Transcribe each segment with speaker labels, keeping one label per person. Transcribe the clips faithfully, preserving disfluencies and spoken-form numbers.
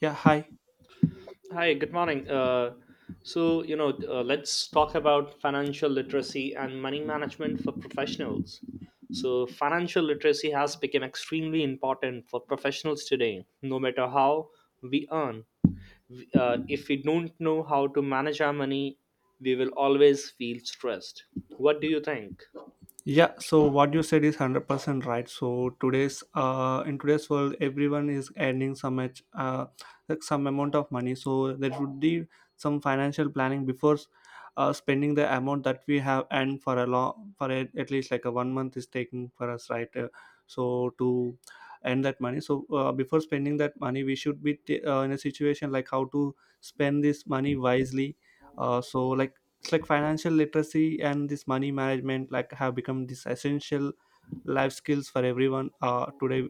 Speaker 1: Yeah, hi.
Speaker 2: Hi, good morning. Uh, so, you know, uh, let's talk about financial literacy and money management for professionals. So, financial literacy has become extremely important for professionals today. No matter how we earn, uh, if we don't know how to manage our money, we will always feel stressed. What do you think?
Speaker 1: Yeah, so what you said is one hundred percent right. So today's uh in today's world, everyone is earning some much uh like some amount of money. So there should be some financial planning before uh spending the amount that we have, and for a long for a, at least like a one month is taking for us, right. Uh, so to earn that money, so uh, before spending that money, we should be t- uh, in a situation like how to spend this money wisely. Uh, so like it's like financial literacy and this money management like have become this essential life skills for everyone, uh, today,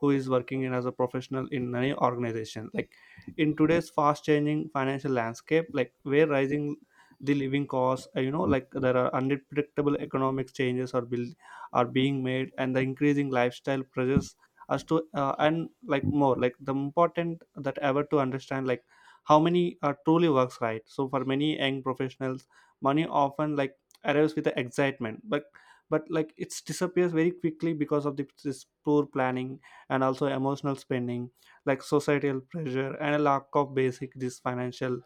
Speaker 1: who is working in as a professional in any organization, like in today's fast changing financial landscape, like where rising the living costs, uh, you know like there are unpredictable economic changes are build are being made, and the increasing lifestyle pressures as to, uh, and like more like the important that ever to understand like how many are truly works, right. So for many young professionals, money often like arrives with the excitement, but but like it's disappears very quickly because of the, this poor planning and also emotional spending, like societal pressure and a lack of basic this financial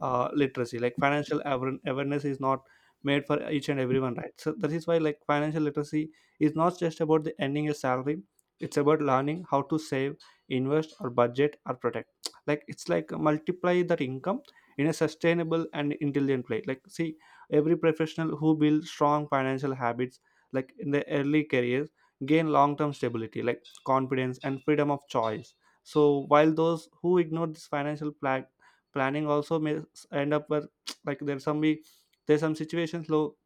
Speaker 1: uh, literacy, like financial aver- awareness is not made for each and everyone, right. So that is why, like, financial literacy is not just about the earning a salary. It's about learning how to save, invest, or budget, or protect, like it's like multiply that income in a sustainable and intelligent way. Like, see, every professional who builds strong financial habits, like in their early careers, gain long-term stability, like confidence and freedom of choice. So while those who ignore this financial plan planning also may end up where like there's some we there's some situations low,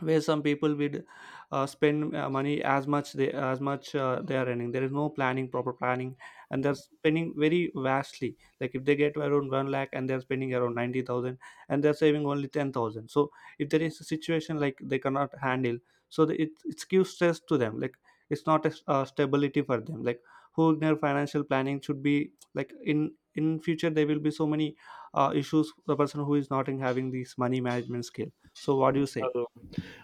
Speaker 1: where some people would uh, spend uh, money as much they as much uh, they are earning. There is no planning proper planning, and they're spending very vastly, like if they get around one lakh and they're spending around ninety thousand, and they're saving only ten thousand. So if there is a situation like they cannot handle, so the, it, it gives stress to them, like it's not a, uh stability for them, like, who ignore financial planning should be like in in future there will be so many uh, issues for the person who is not in having these money management skill. So what do you say?
Speaker 2: Oh,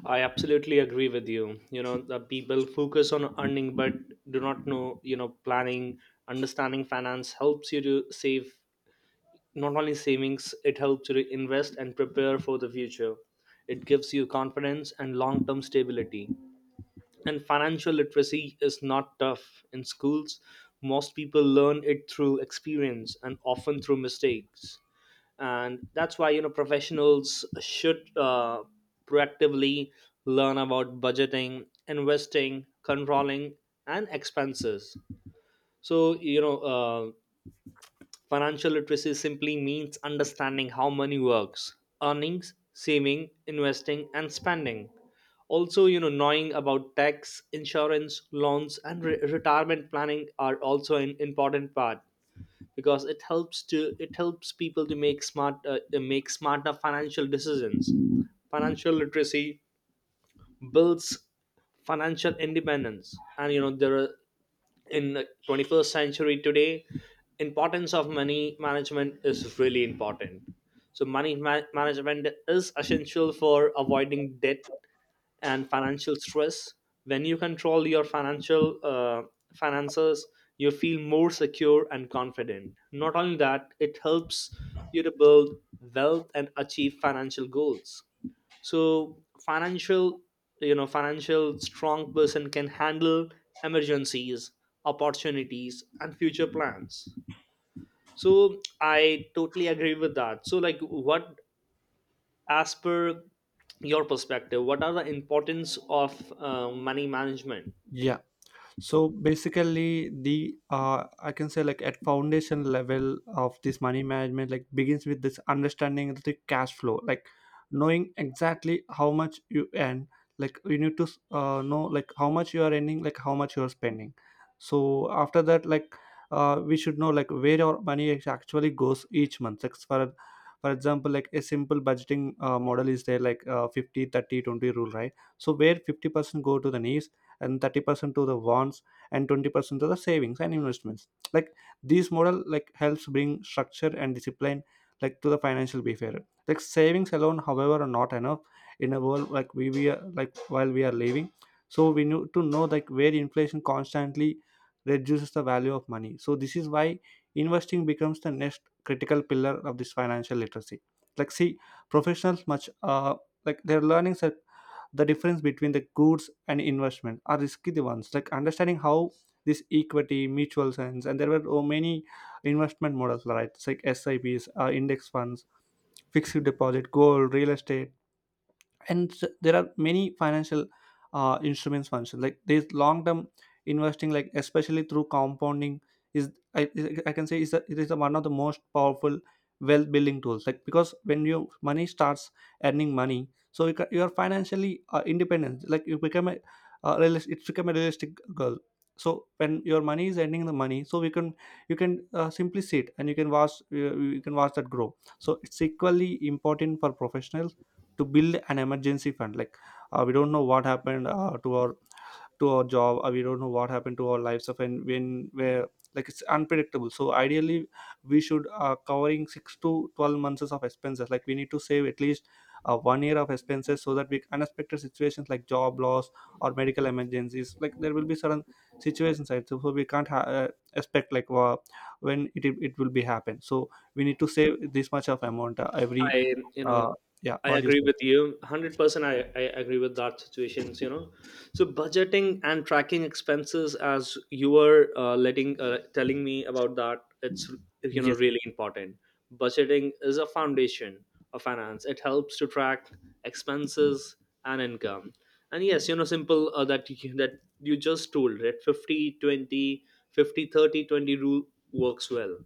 Speaker 2: I absolutely agree with you. You know, the people focus on earning but do not know, you know, planning. Understanding finance helps you to save. Not only savings, it helps you to invest and prepare for the future. It gives you confidence and long term stability. And financial literacy is not tough in schools. Most people learn it through experience and often through mistakes. And that's why, you know professionals should uh, proactively learn about budgeting, investing, controlling, and expenses. So, you know uh, financial literacy simply means understanding how money works: earnings, saving, investing, and spending. Also, you know knowing about tax, insurance, loans, and re- retirement planning are also an important part, because it helps to it helps people to make smart uh, uh, make smarter financial decisions. Financial literacy builds financial independence. And, you know there are in the twenty-first century today, importance of money management is really important. So, money ma- management is essential for avoiding debt and financial stress. When you control your financial uh, finances, you feel more secure and confident. Not only that, it helps you to build wealth and achieve financial goals. So, financial you know financial strong person can handle emergencies, opportunities, and future plans. So, I totally agree with that. So, like, what, as per your perspective, what are the importance of uh, money management?
Speaker 1: Yeah. So basically, the uh, I can say like at foundation level of this money management, like begins with this understanding of the cash flow, like knowing exactly how much you earn. Like you need to uh, know like how much you are earning, like how much you are spending. So after that, like, uh, we should know like where our money is actually goes each month. Like for for example, like a simple budgeting uh, model is there, like uh, fifty thirty twenty rule, right? So where fifty percent go to the needs, and thirty percent to the wants, and twenty percent to the savings and investments. Like this model like helps bring structure and discipline, like to the financial behavior. Like savings alone, however, are not enough in a world like we, we are, like while we are living. So we need to know like where inflation constantly reduces the value of money. So this is why investing becomes the next critical pillar of this financial literacy. Like, see, professionals much uh like their learnings are the difference between the goods and investment are risky the ones, like understanding how this equity mutual funds, and there were oh, many investment models, right. It's like sips, uh, index funds, fixed deposit, gold, real estate, and s- there are many financial uh, instruments function, like there's long term investing, like especially through compounding, is i, I can say is a, it is a one of the most powerful wealth building tools. Like because when your money starts earning money, so you, ca- you are financially uh, independent. Like you become a uh, realis- it's become a realistic goal. So when your money is earning the money, so we can you can uh, simply sit, and you can watch you, you can watch that grow. So it's equally important for professionals to build an emergency fund. Like, uh, we don't know what happened uh, to our to our job. Uh, we don't know what happened to our lives of, and when, where, like it's unpredictable. So ideally, we should uh, covering six to twelve months of expenses, like we need to save at least uh, one year of expenses, so that we unexpected situations like job loss or medical emergencies, like there will be certain situations, right. So so we can't ha- uh, expect like uh, when it, it will be happen. So we need to save this much of amount uh, every
Speaker 2: I, you know,
Speaker 1: uh, yeah,
Speaker 2: I
Speaker 1: what do you
Speaker 2: agree
Speaker 1: say?
Speaker 2: with you. one hundred percent. I, I agree with that situations, you know. So, budgeting and tracking expenses, as you were uh, letting uh, telling me about that, it's you know
Speaker 1: Yes.
Speaker 2: really important. Budgeting is a foundation of finance. It helps to track expenses and income. And yes, you know simple, uh, that you, that you just told, right? Fifty twenty, fifty thirty twenty rule works well.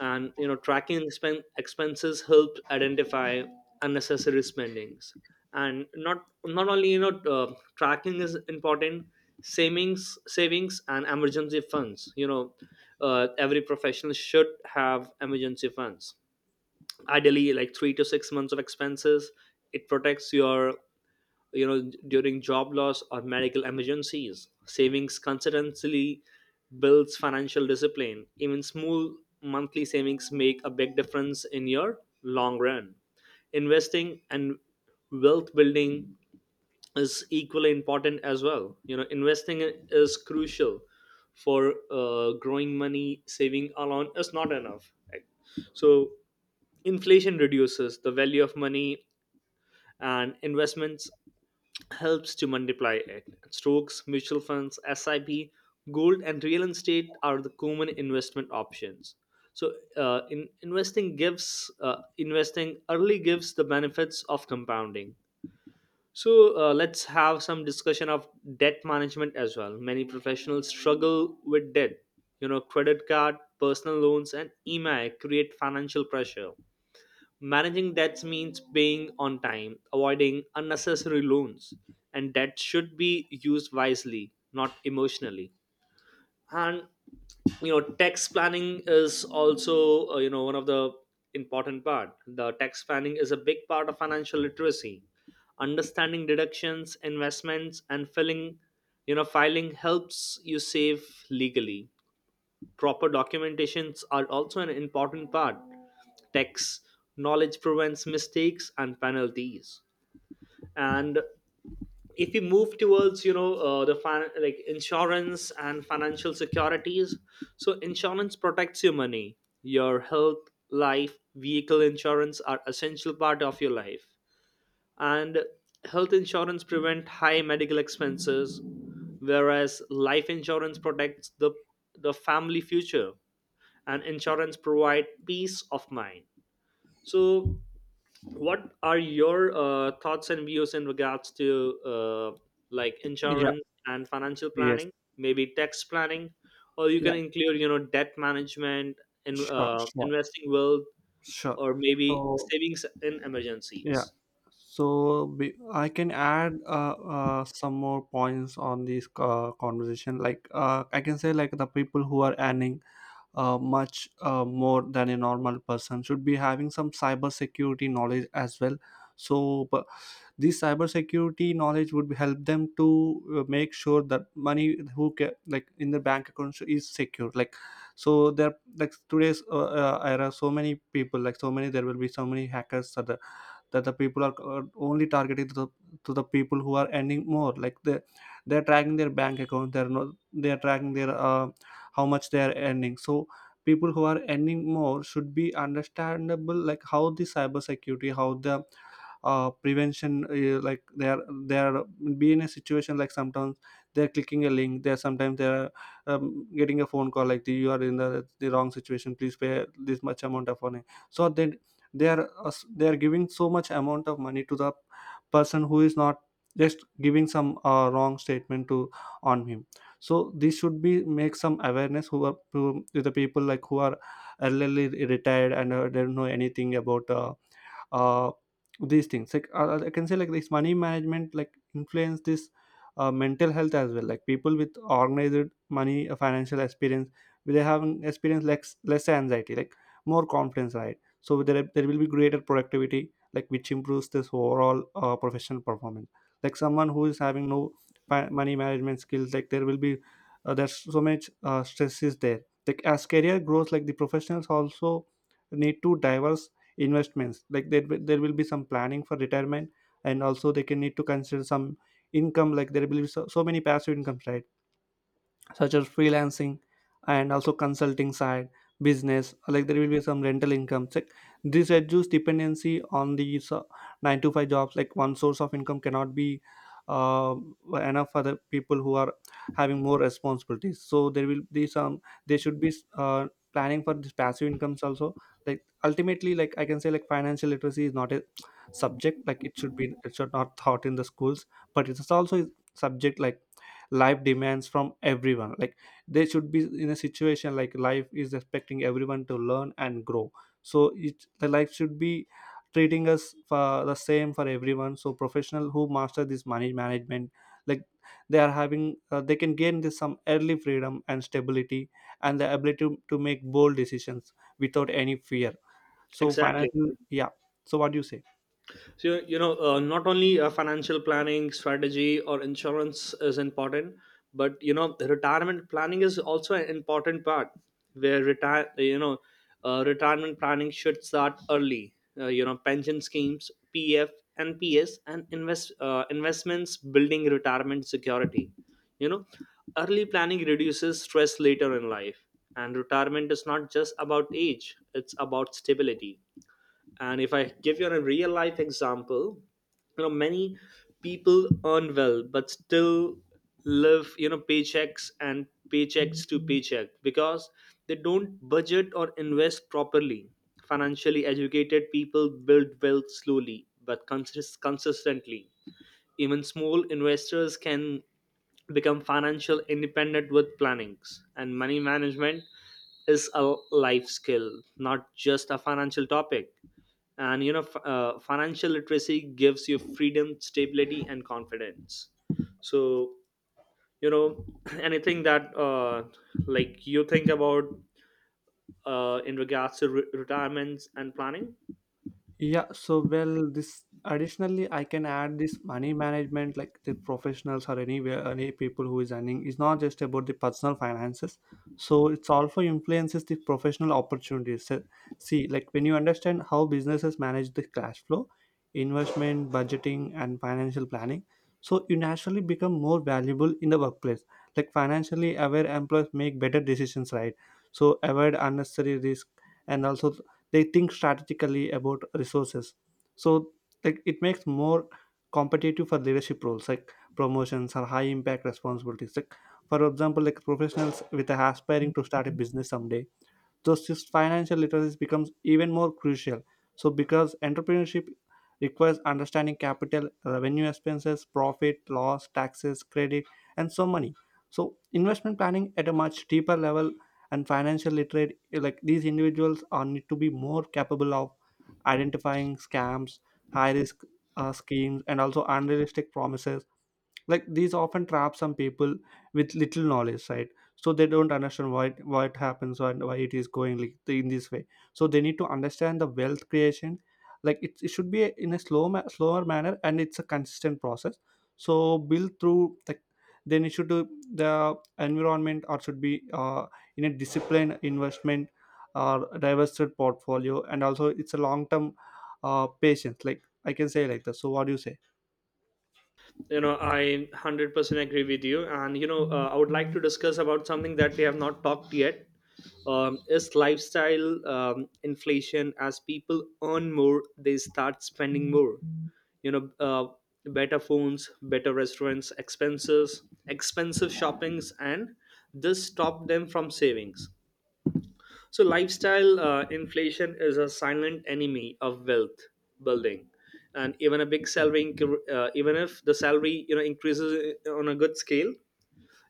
Speaker 2: And you know tracking expen- expenses helps identify unnecessary spendings. And not not only, you know uh, tracking is important. Savings savings, and emergency funds, you know uh, every professional should have emergency funds ideally like three to six months of expenses. It protects your, you know during job loss or medical emergencies. Savings consistently builds financial discipline. Even small monthly savings make a big difference in your long run. Investing and wealth building is equally important as well. You know investing is crucial for uh, growing money. Saving alone is not enough, right? So, inflation reduces the value of money, and investments helps to multiply it. Stocks, mutual funds, S I P, gold, and real estate are the common investment options. So, uh, in investing gives uh, investing early gives the benefits of compounding. So, uh, let's have some discussion of debt management as well. Many professionals struggle with debt. You know, credit card, personal loans, and E M I create financial pressure. Managing debts means paying on time, avoiding unnecessary loans, and debt should be used wisely, not emotionally. And, you know, tax planning is also, uh, you know one of the important part. The tax planning is a big part of financial literacy. Understanding deductions, investments, and filling you know filing helps you save legally. Proper documentations are also an important part. Text knowledge prevents mistakes and penalties. And if we move towards, you know, uh, the fin- like insurance and financial securities, so insurance protects your money. Your health, life, vehicle insurance are essential part of your life. And health insurance prevent high medical expenses, whereas life insurance protects the the family future, and insurance provide peace of mind. So, what are your uh, thoughts and views in regards to, uh, like,
Speaker 1: Yeah,
Speaker 2: insurance and financial
Speaker 1: yes,
Speaker 2: planning, maybe tax planning, or you
Speaker 1: yeah,
Speaker 2: can include, you know debt management in,
Speaker 1: sure,
Speaker 2: uh,
Speaker 1: sure,
Speaker 2: investing wealth,
Speaker 1: sure.
Speaker 2: or maybe
Speaker 1: So,
Speaker 2: savings in
Speaker 1: yeah,
Speaker 2: emergencies?
Speaker 1: so be, I can add uh, uh, some more points on this uh, conversation. Like, uh, I can say, like, the people who are earning uh, much uh, more than a normal person should be having some cyber security knowledge as well. So but this cyber security knowledge would help them to uh, make sure that money who ca- like in the bank account is secure, like. So there like today's uh, uh, era, so many people, like so many, there will be so many hackers that the people are uh, only targeting to the, to the people who are earning more. Like they they're tracking their bank account. They're not they're tracking their uh, how much they're earning. So people who are earning more should be understandable like how the cybersecurity, how the uh, prevention uh, like they are they are be in a situation. Like sometimes they're clicking a link, they're sometimes they're um, getting a phone call, like the, you are in the, the wrong situation, please pay this much amount of money. So they they are us- they are giving so much amount of money to the person who is not just giving some uh, wrong statement to on him. So this should be make some awareness who are to, to the people like who are elderly retired and uh, don't know anything about uh, uh, these things, like uh, uh, I can say, like, this money management like influence this uh, mental health as well. Like people with organized money uh, financial experience, they have an experience less less anxiety, like more confidence, right. So there, there will be greater productivity, like which improves this overall uh, professional performance. Like someone who is having no fi- money management skills, like there will be uh, there's so much uh, stress is there. Like as career grows, like the professionals also need to diverse investments, like there, will- there will be some planning for retirement. And also they can need to consider some income, like there will be so, so many passive incomes, right. Such as freelancing and also consulting, side business, like there will be some rental income. Like this reduce dependency on these uh, nine to five jobs, like one source of income cannot be uh, enough for the people who are having more responsibilities. So there will be some, they should be uh, planning for this passive incomes also. Like, ultimately, like, I can say, like, financial literacy is not a subject, like it should be it should not taught in the schools, but it's also a subject like life demands from everyone, like they should be in a situation like life is expecting everyone to learn and grow. So it the life should be treating us for the same for everyone. So professional who master this money management, like they are having uh, they can gain this some early freedom and stability, and the ability to, to make bold decisions without any fear. So
Speaker 2: Exactly.
Speaker 1: financial yeah. So what do you say?
Speaker 2: So, you know, uh, not only, uh, financial planning, strategy, or insurance is important, but, you know, the retirement planning is also an important part. Where retire, you know, uh, retirement planning should start early. Uh, you know, pension schemes, P F, N P S, and invest uh, investments building retirement security. You know, Early planning reduces stress later in life, and retirement is not just about age; it's about stability. And if I give you a real life example, you know, many people earn well but still live, you know, paychecks and paychecks to paycheck, because they don't budget or invest properly. Financially educated people build wealth slowly but consist- consistently. Even small investors can become financial independent with plannings, and money management is a life skill, not just a financial topic. And, you know f- uh, financial literacy gives you freedom, stability, and confidence. So, you know anything that, uh, like, you think about, uh, in regards to re- retirements and planning?
Speaker 1: Yeah, so, well, this additionally, I can add this money management, like the professionals or anywhere, any people who is earning, is not just about the personal finances. So it's also influences the professional opportunities. So, see, like when you understand how businesses manage the cash flow, investment, budgeting, and financial planning, so you naturally become more valuable in the workplace. Like financially aware employees make better decisions, right? So avoid unnecessary risk, and also they think strategically about resources. So like it makes more competitive for leadership roles like promotions or high impact responsibilities, like for example like professionals with aspiring to start a business someday. Thus this financial literacy becomes even more crucial. So because entrepreneurship requires understanding capital, revenue, expenses, profit, loss, taxes, credit, and so many, so investment planning at a much deeper level. And financial literate like these individuals are need to be more capable of identifying scams, high risk, uh, schemes, and also unrealistic promises, like these often trap some people with little knowledge, right? So they don't understand why why it happens and why it is going like th- in this way. So they need to understand the wealth creation, like it, it should be a- in a slow ma- slower manner, and it's a consistent process. So build through, like then it should do the environment or should be uh, in a disciplined investment or diversified portfolio, and also it's a long term uh, patience, like I can say like that. So what do you
Speaker 2: you know I one hundred percent agree with you. And you know uh, I would like to discuss about something that we have not talked yet. Um, is lifestyle, um, inflation. As people earn more, they start spending more. you know uh, Better phones, better restaurants, expenses expensive shoppings, and this stopped them from savings. So, lifestyle, uh, inflation is a silent enemy of wealth building. And even a big salary, inc- uh, even if the salary you know increases on a good scale,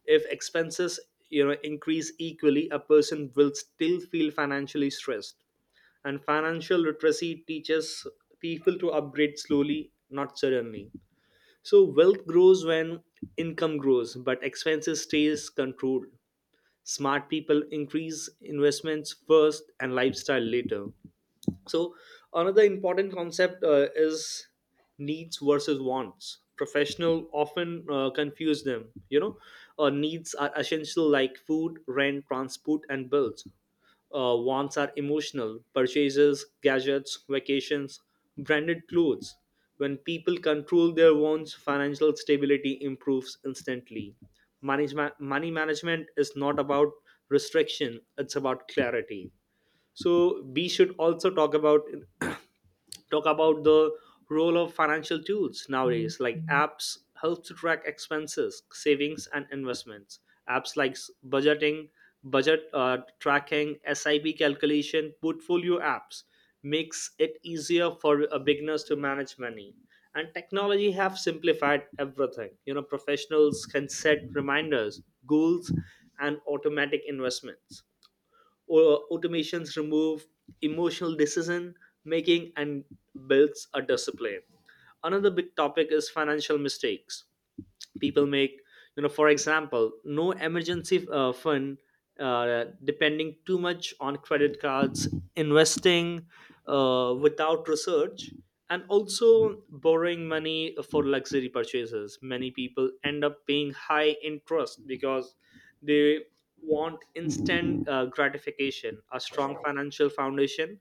Speaker 2: if expenses you know increase equally, a person will still feel financially stressed. And financial literacy teaches people to upgrade slowly, not suddenly. So, wealth grows when income grows but expenses stays controlled. Smart people increase investments first and lifestyle later. So, another important concept, uh, is needs versus wants. Professional often uh, confuse them. You know, uh, needs are essential, like food, rent, transport, and bills. Uh, wants are emotional purchases, gadgets, vacations, branded clothes. When people control their wants, financial stability improves instantly. Management, money management is not about restriction; it's about clarity. So, we should also talk about talk about the role of financial tools nowadays, like apps help to track expenses, savings, and investments. Apps like s- budgeting budget uh, tracking, sip calculation, portfolio apps makes it easier for uh, beginners to manage money. And technology have simplified everything. You know professionals can set reminders, goals, and automatic investments, or automations remove emotional decision making and builds a discipline. Another big topic is financial mistakes people make. You know for example, no emergency uh, fund, uh, depending too much on credit cards, investing uh, without research, and also borrowing money for luxury purchases. Many people end up paying high interest because they want instant uh, gratification. A strong financial foundation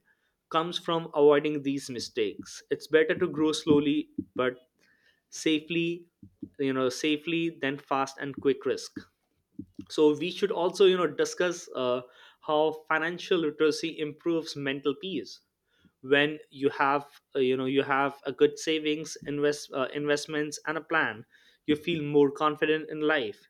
Speaker 2: comes from avoiding these mistakes. It's better to grow slowly but safely, you know, safely than fast and quick risk. So, we should also, you know, discuss, uh, how financial literacy improves mental peace. When you have, uh, you know, you have a good savings, invest uh, investments, and a plan, you feel more confident in life.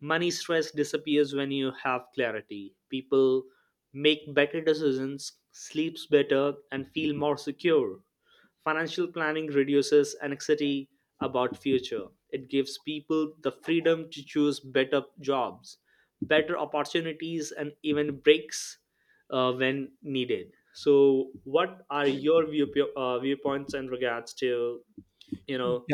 Speaker 2: Money stress disappears when you have clarity. People make better decisions, sleeps better, and feel more secure. Financial planning reduces anxiety about future. It gives people the freedom to choose better jobs, better opportunities, and even breaks uh, when needed. So, what are your view, uh, viewpoints in regards to, you
Speaker 1: say?
Speaker 2: know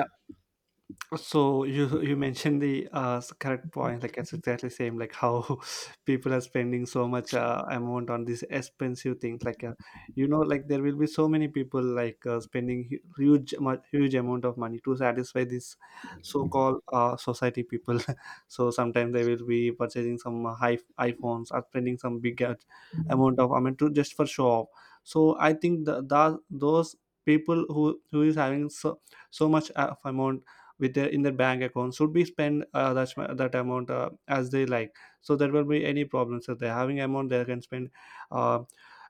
Speaker 1: So you you mentioned the uh, s- correct point. Like it's exactly same. Like how people are spending so much uh, amount on these expensive things. Like uh, you know, like there will be so many people like uh, spending hu- huge mu- huge amount of money to satisfy this so-called uh, society people. So sometimes they will be purchasing some uh, high iPhones or spending some big out- amount of, I mean, to just for show off. So I think the, the those people who who is having so so much uh, amount with their in their bank account should be spent uh, that, that amount uh, as they like. So there will be any problems if they're having amount, they can spend uh,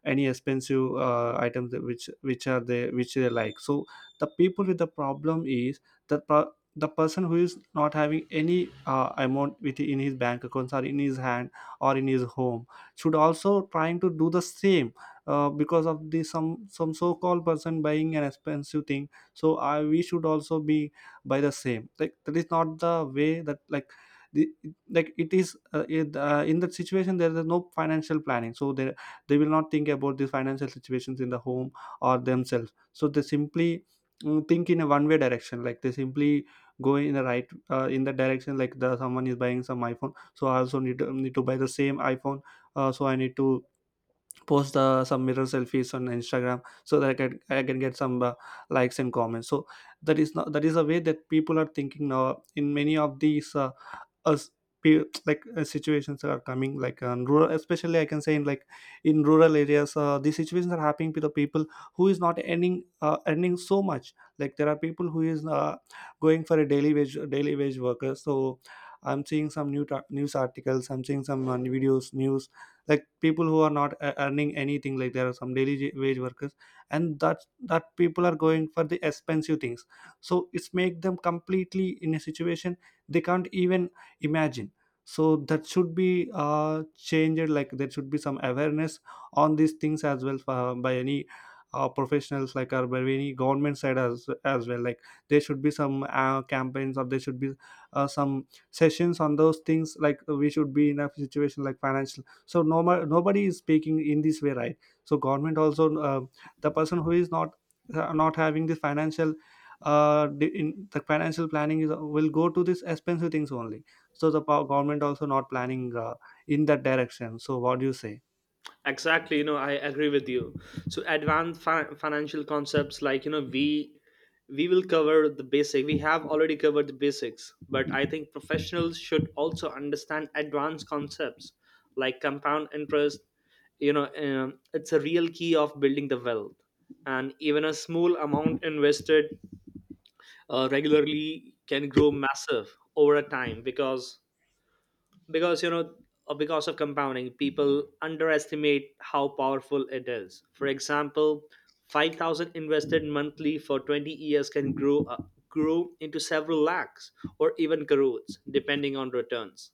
Speaker 1: any expensive uh, items that which which are they which they like. So the people with the problem is the pro- the person who is not having any uh, amount with in his bank accounts or in his hand or in his home should also trying to do the same, uh, because of the some some so-called person buying an expensive thing. So I, we should also be by the same, like that is not the way that like the, like it is uh, it, uh, in that situation there is no financial planning, so they they will not think about the financial situations in the home or themselves, so they simply mm, think in a one way direction, like they simply go in the right uh, in the direction, like the someone is buying some iPhone, so I also need to, need to buy the same iPhone. Uh, so I need to post uh, some mirror selfies on Instagram so that i can i can get some uh, likes and comments. So that is not, that is the way that people are thinking now in many of these uh, us pe- like uh, situations are coming like um, rural, especially I can say in like in rural areas uh, these situations are happening to the people who is not earning uh, earning so much. Like there are people who is uh, going for a daily wage daily wage worker. So I'm seeing some new ta- news articles, I'm seeing some uh, videos news, like people who are not uh, earning anything. Like there are some daily j- wage workers, and that that people are going for the expensive things. So it's make them completely in a situation they can't even imagine. So that should be uh, changed, like there should be some awareness on these things as well uh, by any uh, professionals like or by any government side as as well. Like there should be some uh, campaigns or there should be uh, some sessions on those things, like we should be in a situation like financial, so no ma- nobody is speaking in this way, right? So government also uh, the person who is not uh, not having the financial uh, the- in the financial planning is will go to this expensive things only. So the pow government also not planning uh, in that direction. So what do you say?
Speaker 2: Exactly. you know, I agree with you. So, advanced fi- financial concepts, like, you know we we will cover the basic. We have already covered the basics, but I think professionals should also understand advanced concepts like compound interest. You know, um, it's a real key of building the wealth, and even a small amount invested, uh, regularly, can grow massive over a time. Because because you know uh, because of compounding, people underestimate how powerful it is. For example, five thousand invested monthly for twenty years can grow, uh, grow into several lakhs, or even crores depending on returns.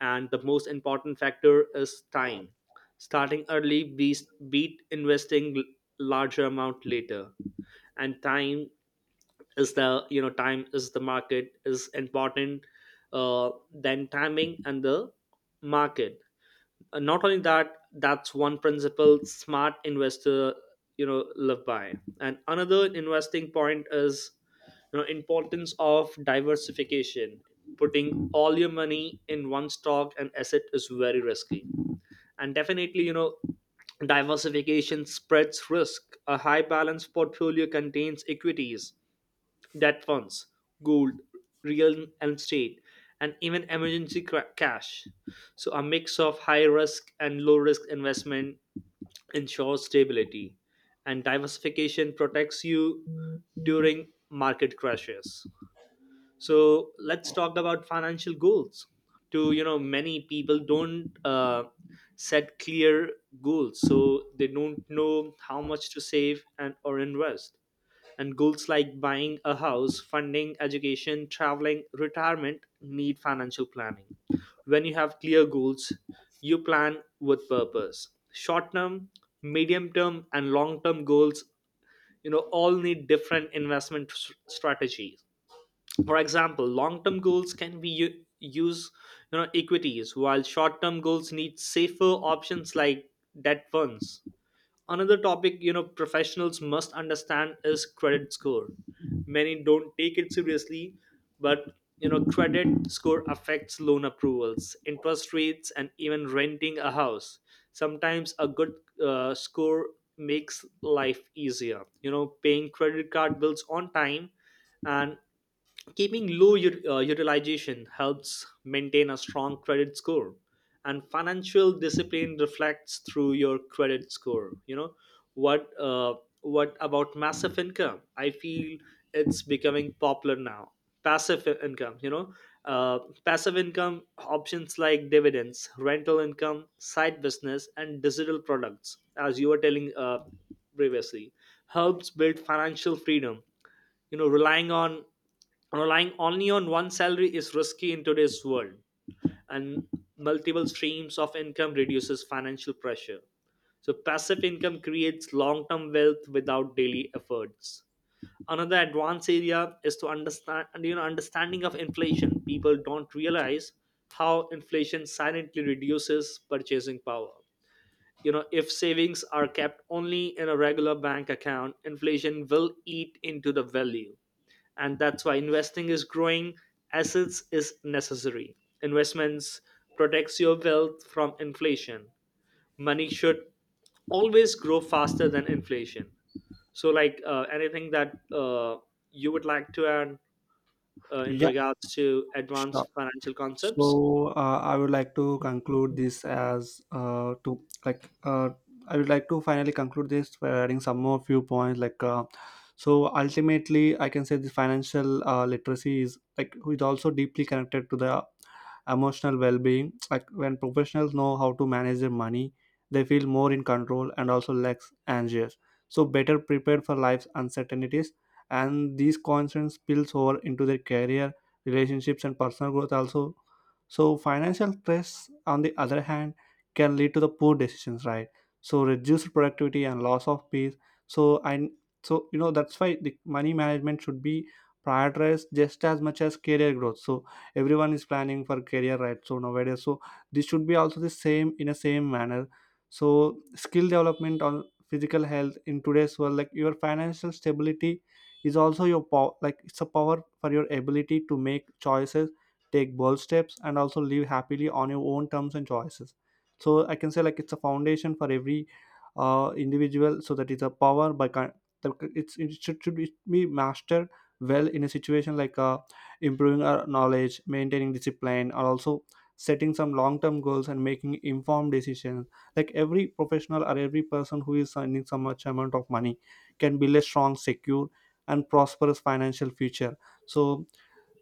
Speaker 2: And the most important factor is time. Starting early beats beat investing l- larger amount later. And time is the, you know time is the market is important, uh, than timing and the market. And not only that, that's one principle smart investor you know live by. And another investing point is, you know importance of diversification. Putting all your money in one stock and asset is very risky. And definitely, you know diversification spreads risk. A high balance portfolio contains equities, debt funds, gold, real estate, and even emergency cra- cash. So, a mix of high risk and low risk investment ensures stability, and diversification protects you during market crashes. So, let's talk about financial goals to. You know many people don't, uh, set clear goals, so they don't know how much to save and or invest. And goals like buying a house, funding education, traveling, retirement, need financial planning. When you have clear goals, you plan with purpose. Short term, medium term, and long term goals, you know all need different investment s- strategies. For example, long-term goals can be u- use, you know equities, while short-term goals need safer options like debt funds. Another topic, you know professionals must understand is credit score. Many don't take it seriously. But, you know credit score affects loan approvals, interest rates, and even renting a house. Sometimes a good uh, score makes life easier. You know paying credit card bills on time and keeping low ut- uh, utilization helps maintain a strong credit score, and financial discipline reflects through your credit score. You know what? Uh, what about massive income? I feel it's becoming popular now. Passive I- income, you know, uh, Passive income options like dividends, rental income, side business, and digital products, as you were telling, uh, previously, helps build financial freedom. you know relying on Relying only on one salary is risky in today's world. And multiple streams of income reduces financial pressure. So, passive income creates long-term wealth without daily efforts. Another advanced area is to understand you know understanding of inflation. People don't realize how inflation silently reduces purchasing power. You know if savings are kept only in a regular bank account, inflation will eat into the value. And that's why investing is growing assets is necessary. Investments protects your wealth from inflation. Money should always grow faster than inflation. So, like, uh, anything that, uh, you would like to add, uh, in
Speaker 1: Yeah,
Speaker 2: regards to
Speaker 1: sure.
Speaker 2: advanced financial concepts?
Speaker 1: So uh, I would like to conclude this as uh, to like uh, I would like to finally conclude this by adding some more few points like uh, so ultimately I can say the financial uh, literacy is like is also deeply connected to the emotional well-being, like when professionals know how to manage their money they feel more in control and also less anxious, so better prepared for life's uncertainties, and these concerns spills over into their career, relationships, and personal growth also. So financial stress, on the other hand, can lead to the poor decisions, right? So reduced productivity and loss of peace. So and so you know that's why the money management should be prioritized just as much as career growth. So everyone is planning for career, right? So nowadays, so this should be also the same in a same manner. So skill development on physical health in today's world, like your financial stability is also your power, like it's a power for your ability to make choices, take bold steps, and also live happily on your own terms and choices. So I can say like it's a foundation for every uh, individual, so that is a power by kind. It's it should, should be mastered well in a situation like uh, improving our knowledge, maintaining discipline, or also setting some long-term goals and making informed decisions. Like every professional or every person who is earning some much amount of money can build a strong, secure, and prosperous financial future. So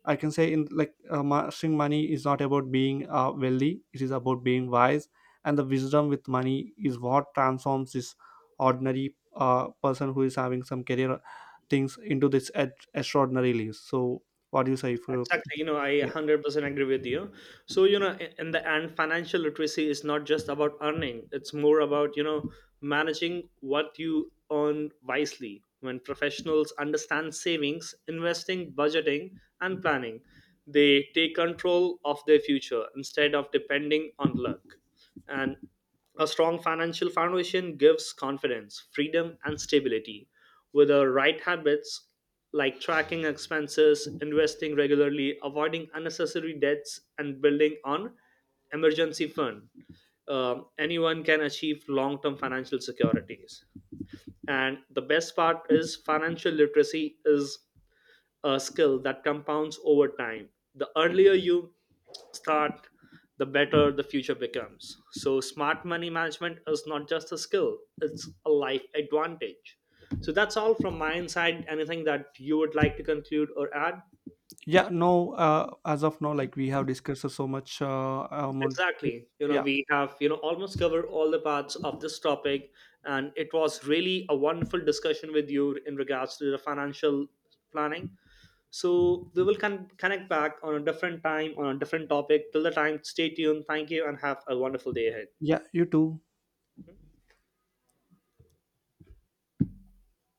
Speaker 1: I can say in like uh, mastering money is not about being uh, wealthy; it is about being wise, and the wisdom with money is what transforms this ordinary uh, person who is having some career things into this ex- extraordinary lives. So, what do you say? If you,
Speaker 2: Exactly. you know, I
Speaker 1: yeah,
Speaker 2: one hundred percent agree with you. So, you know, i- in the end, financial literacy is not just about earning, it's more about, you know, managing what you earn wisely. When professionals understand savings, investing, budgeting, and planning, they take control of their future instead of depending on luck. And a strong financial foundation gives confidence, freedom, and stability. With the right habits, like tracking expenses, investing regularly, avoiding unnecessary debts, and building on emergency fund. Um, anyone can achieve long-term financial securities. And the best part is financial literacy is a skill that compounds over time. The earlier you start, the better the future becomes. So, smart money management is not just a skill, it's a life advantage. So, that's all from my inside. Anything that you would like to conclude or add?
Speaker 1: yeah, no. Uh, as of now, like we have discussed so much uh, amount.
Speaker 2: Exactly. You know,
Speaker 1: Yeah,
Speaker 2: we have, you know, almost covered all the parts of this topic, and it was really a wonderful discussion with you in regards to the financial planning. So, we will con- connect back on a different time, on a different topic. Till the time, stay tuned. Thank you, and have a wonderful day ahead.
Speaker 1: yeah. You too.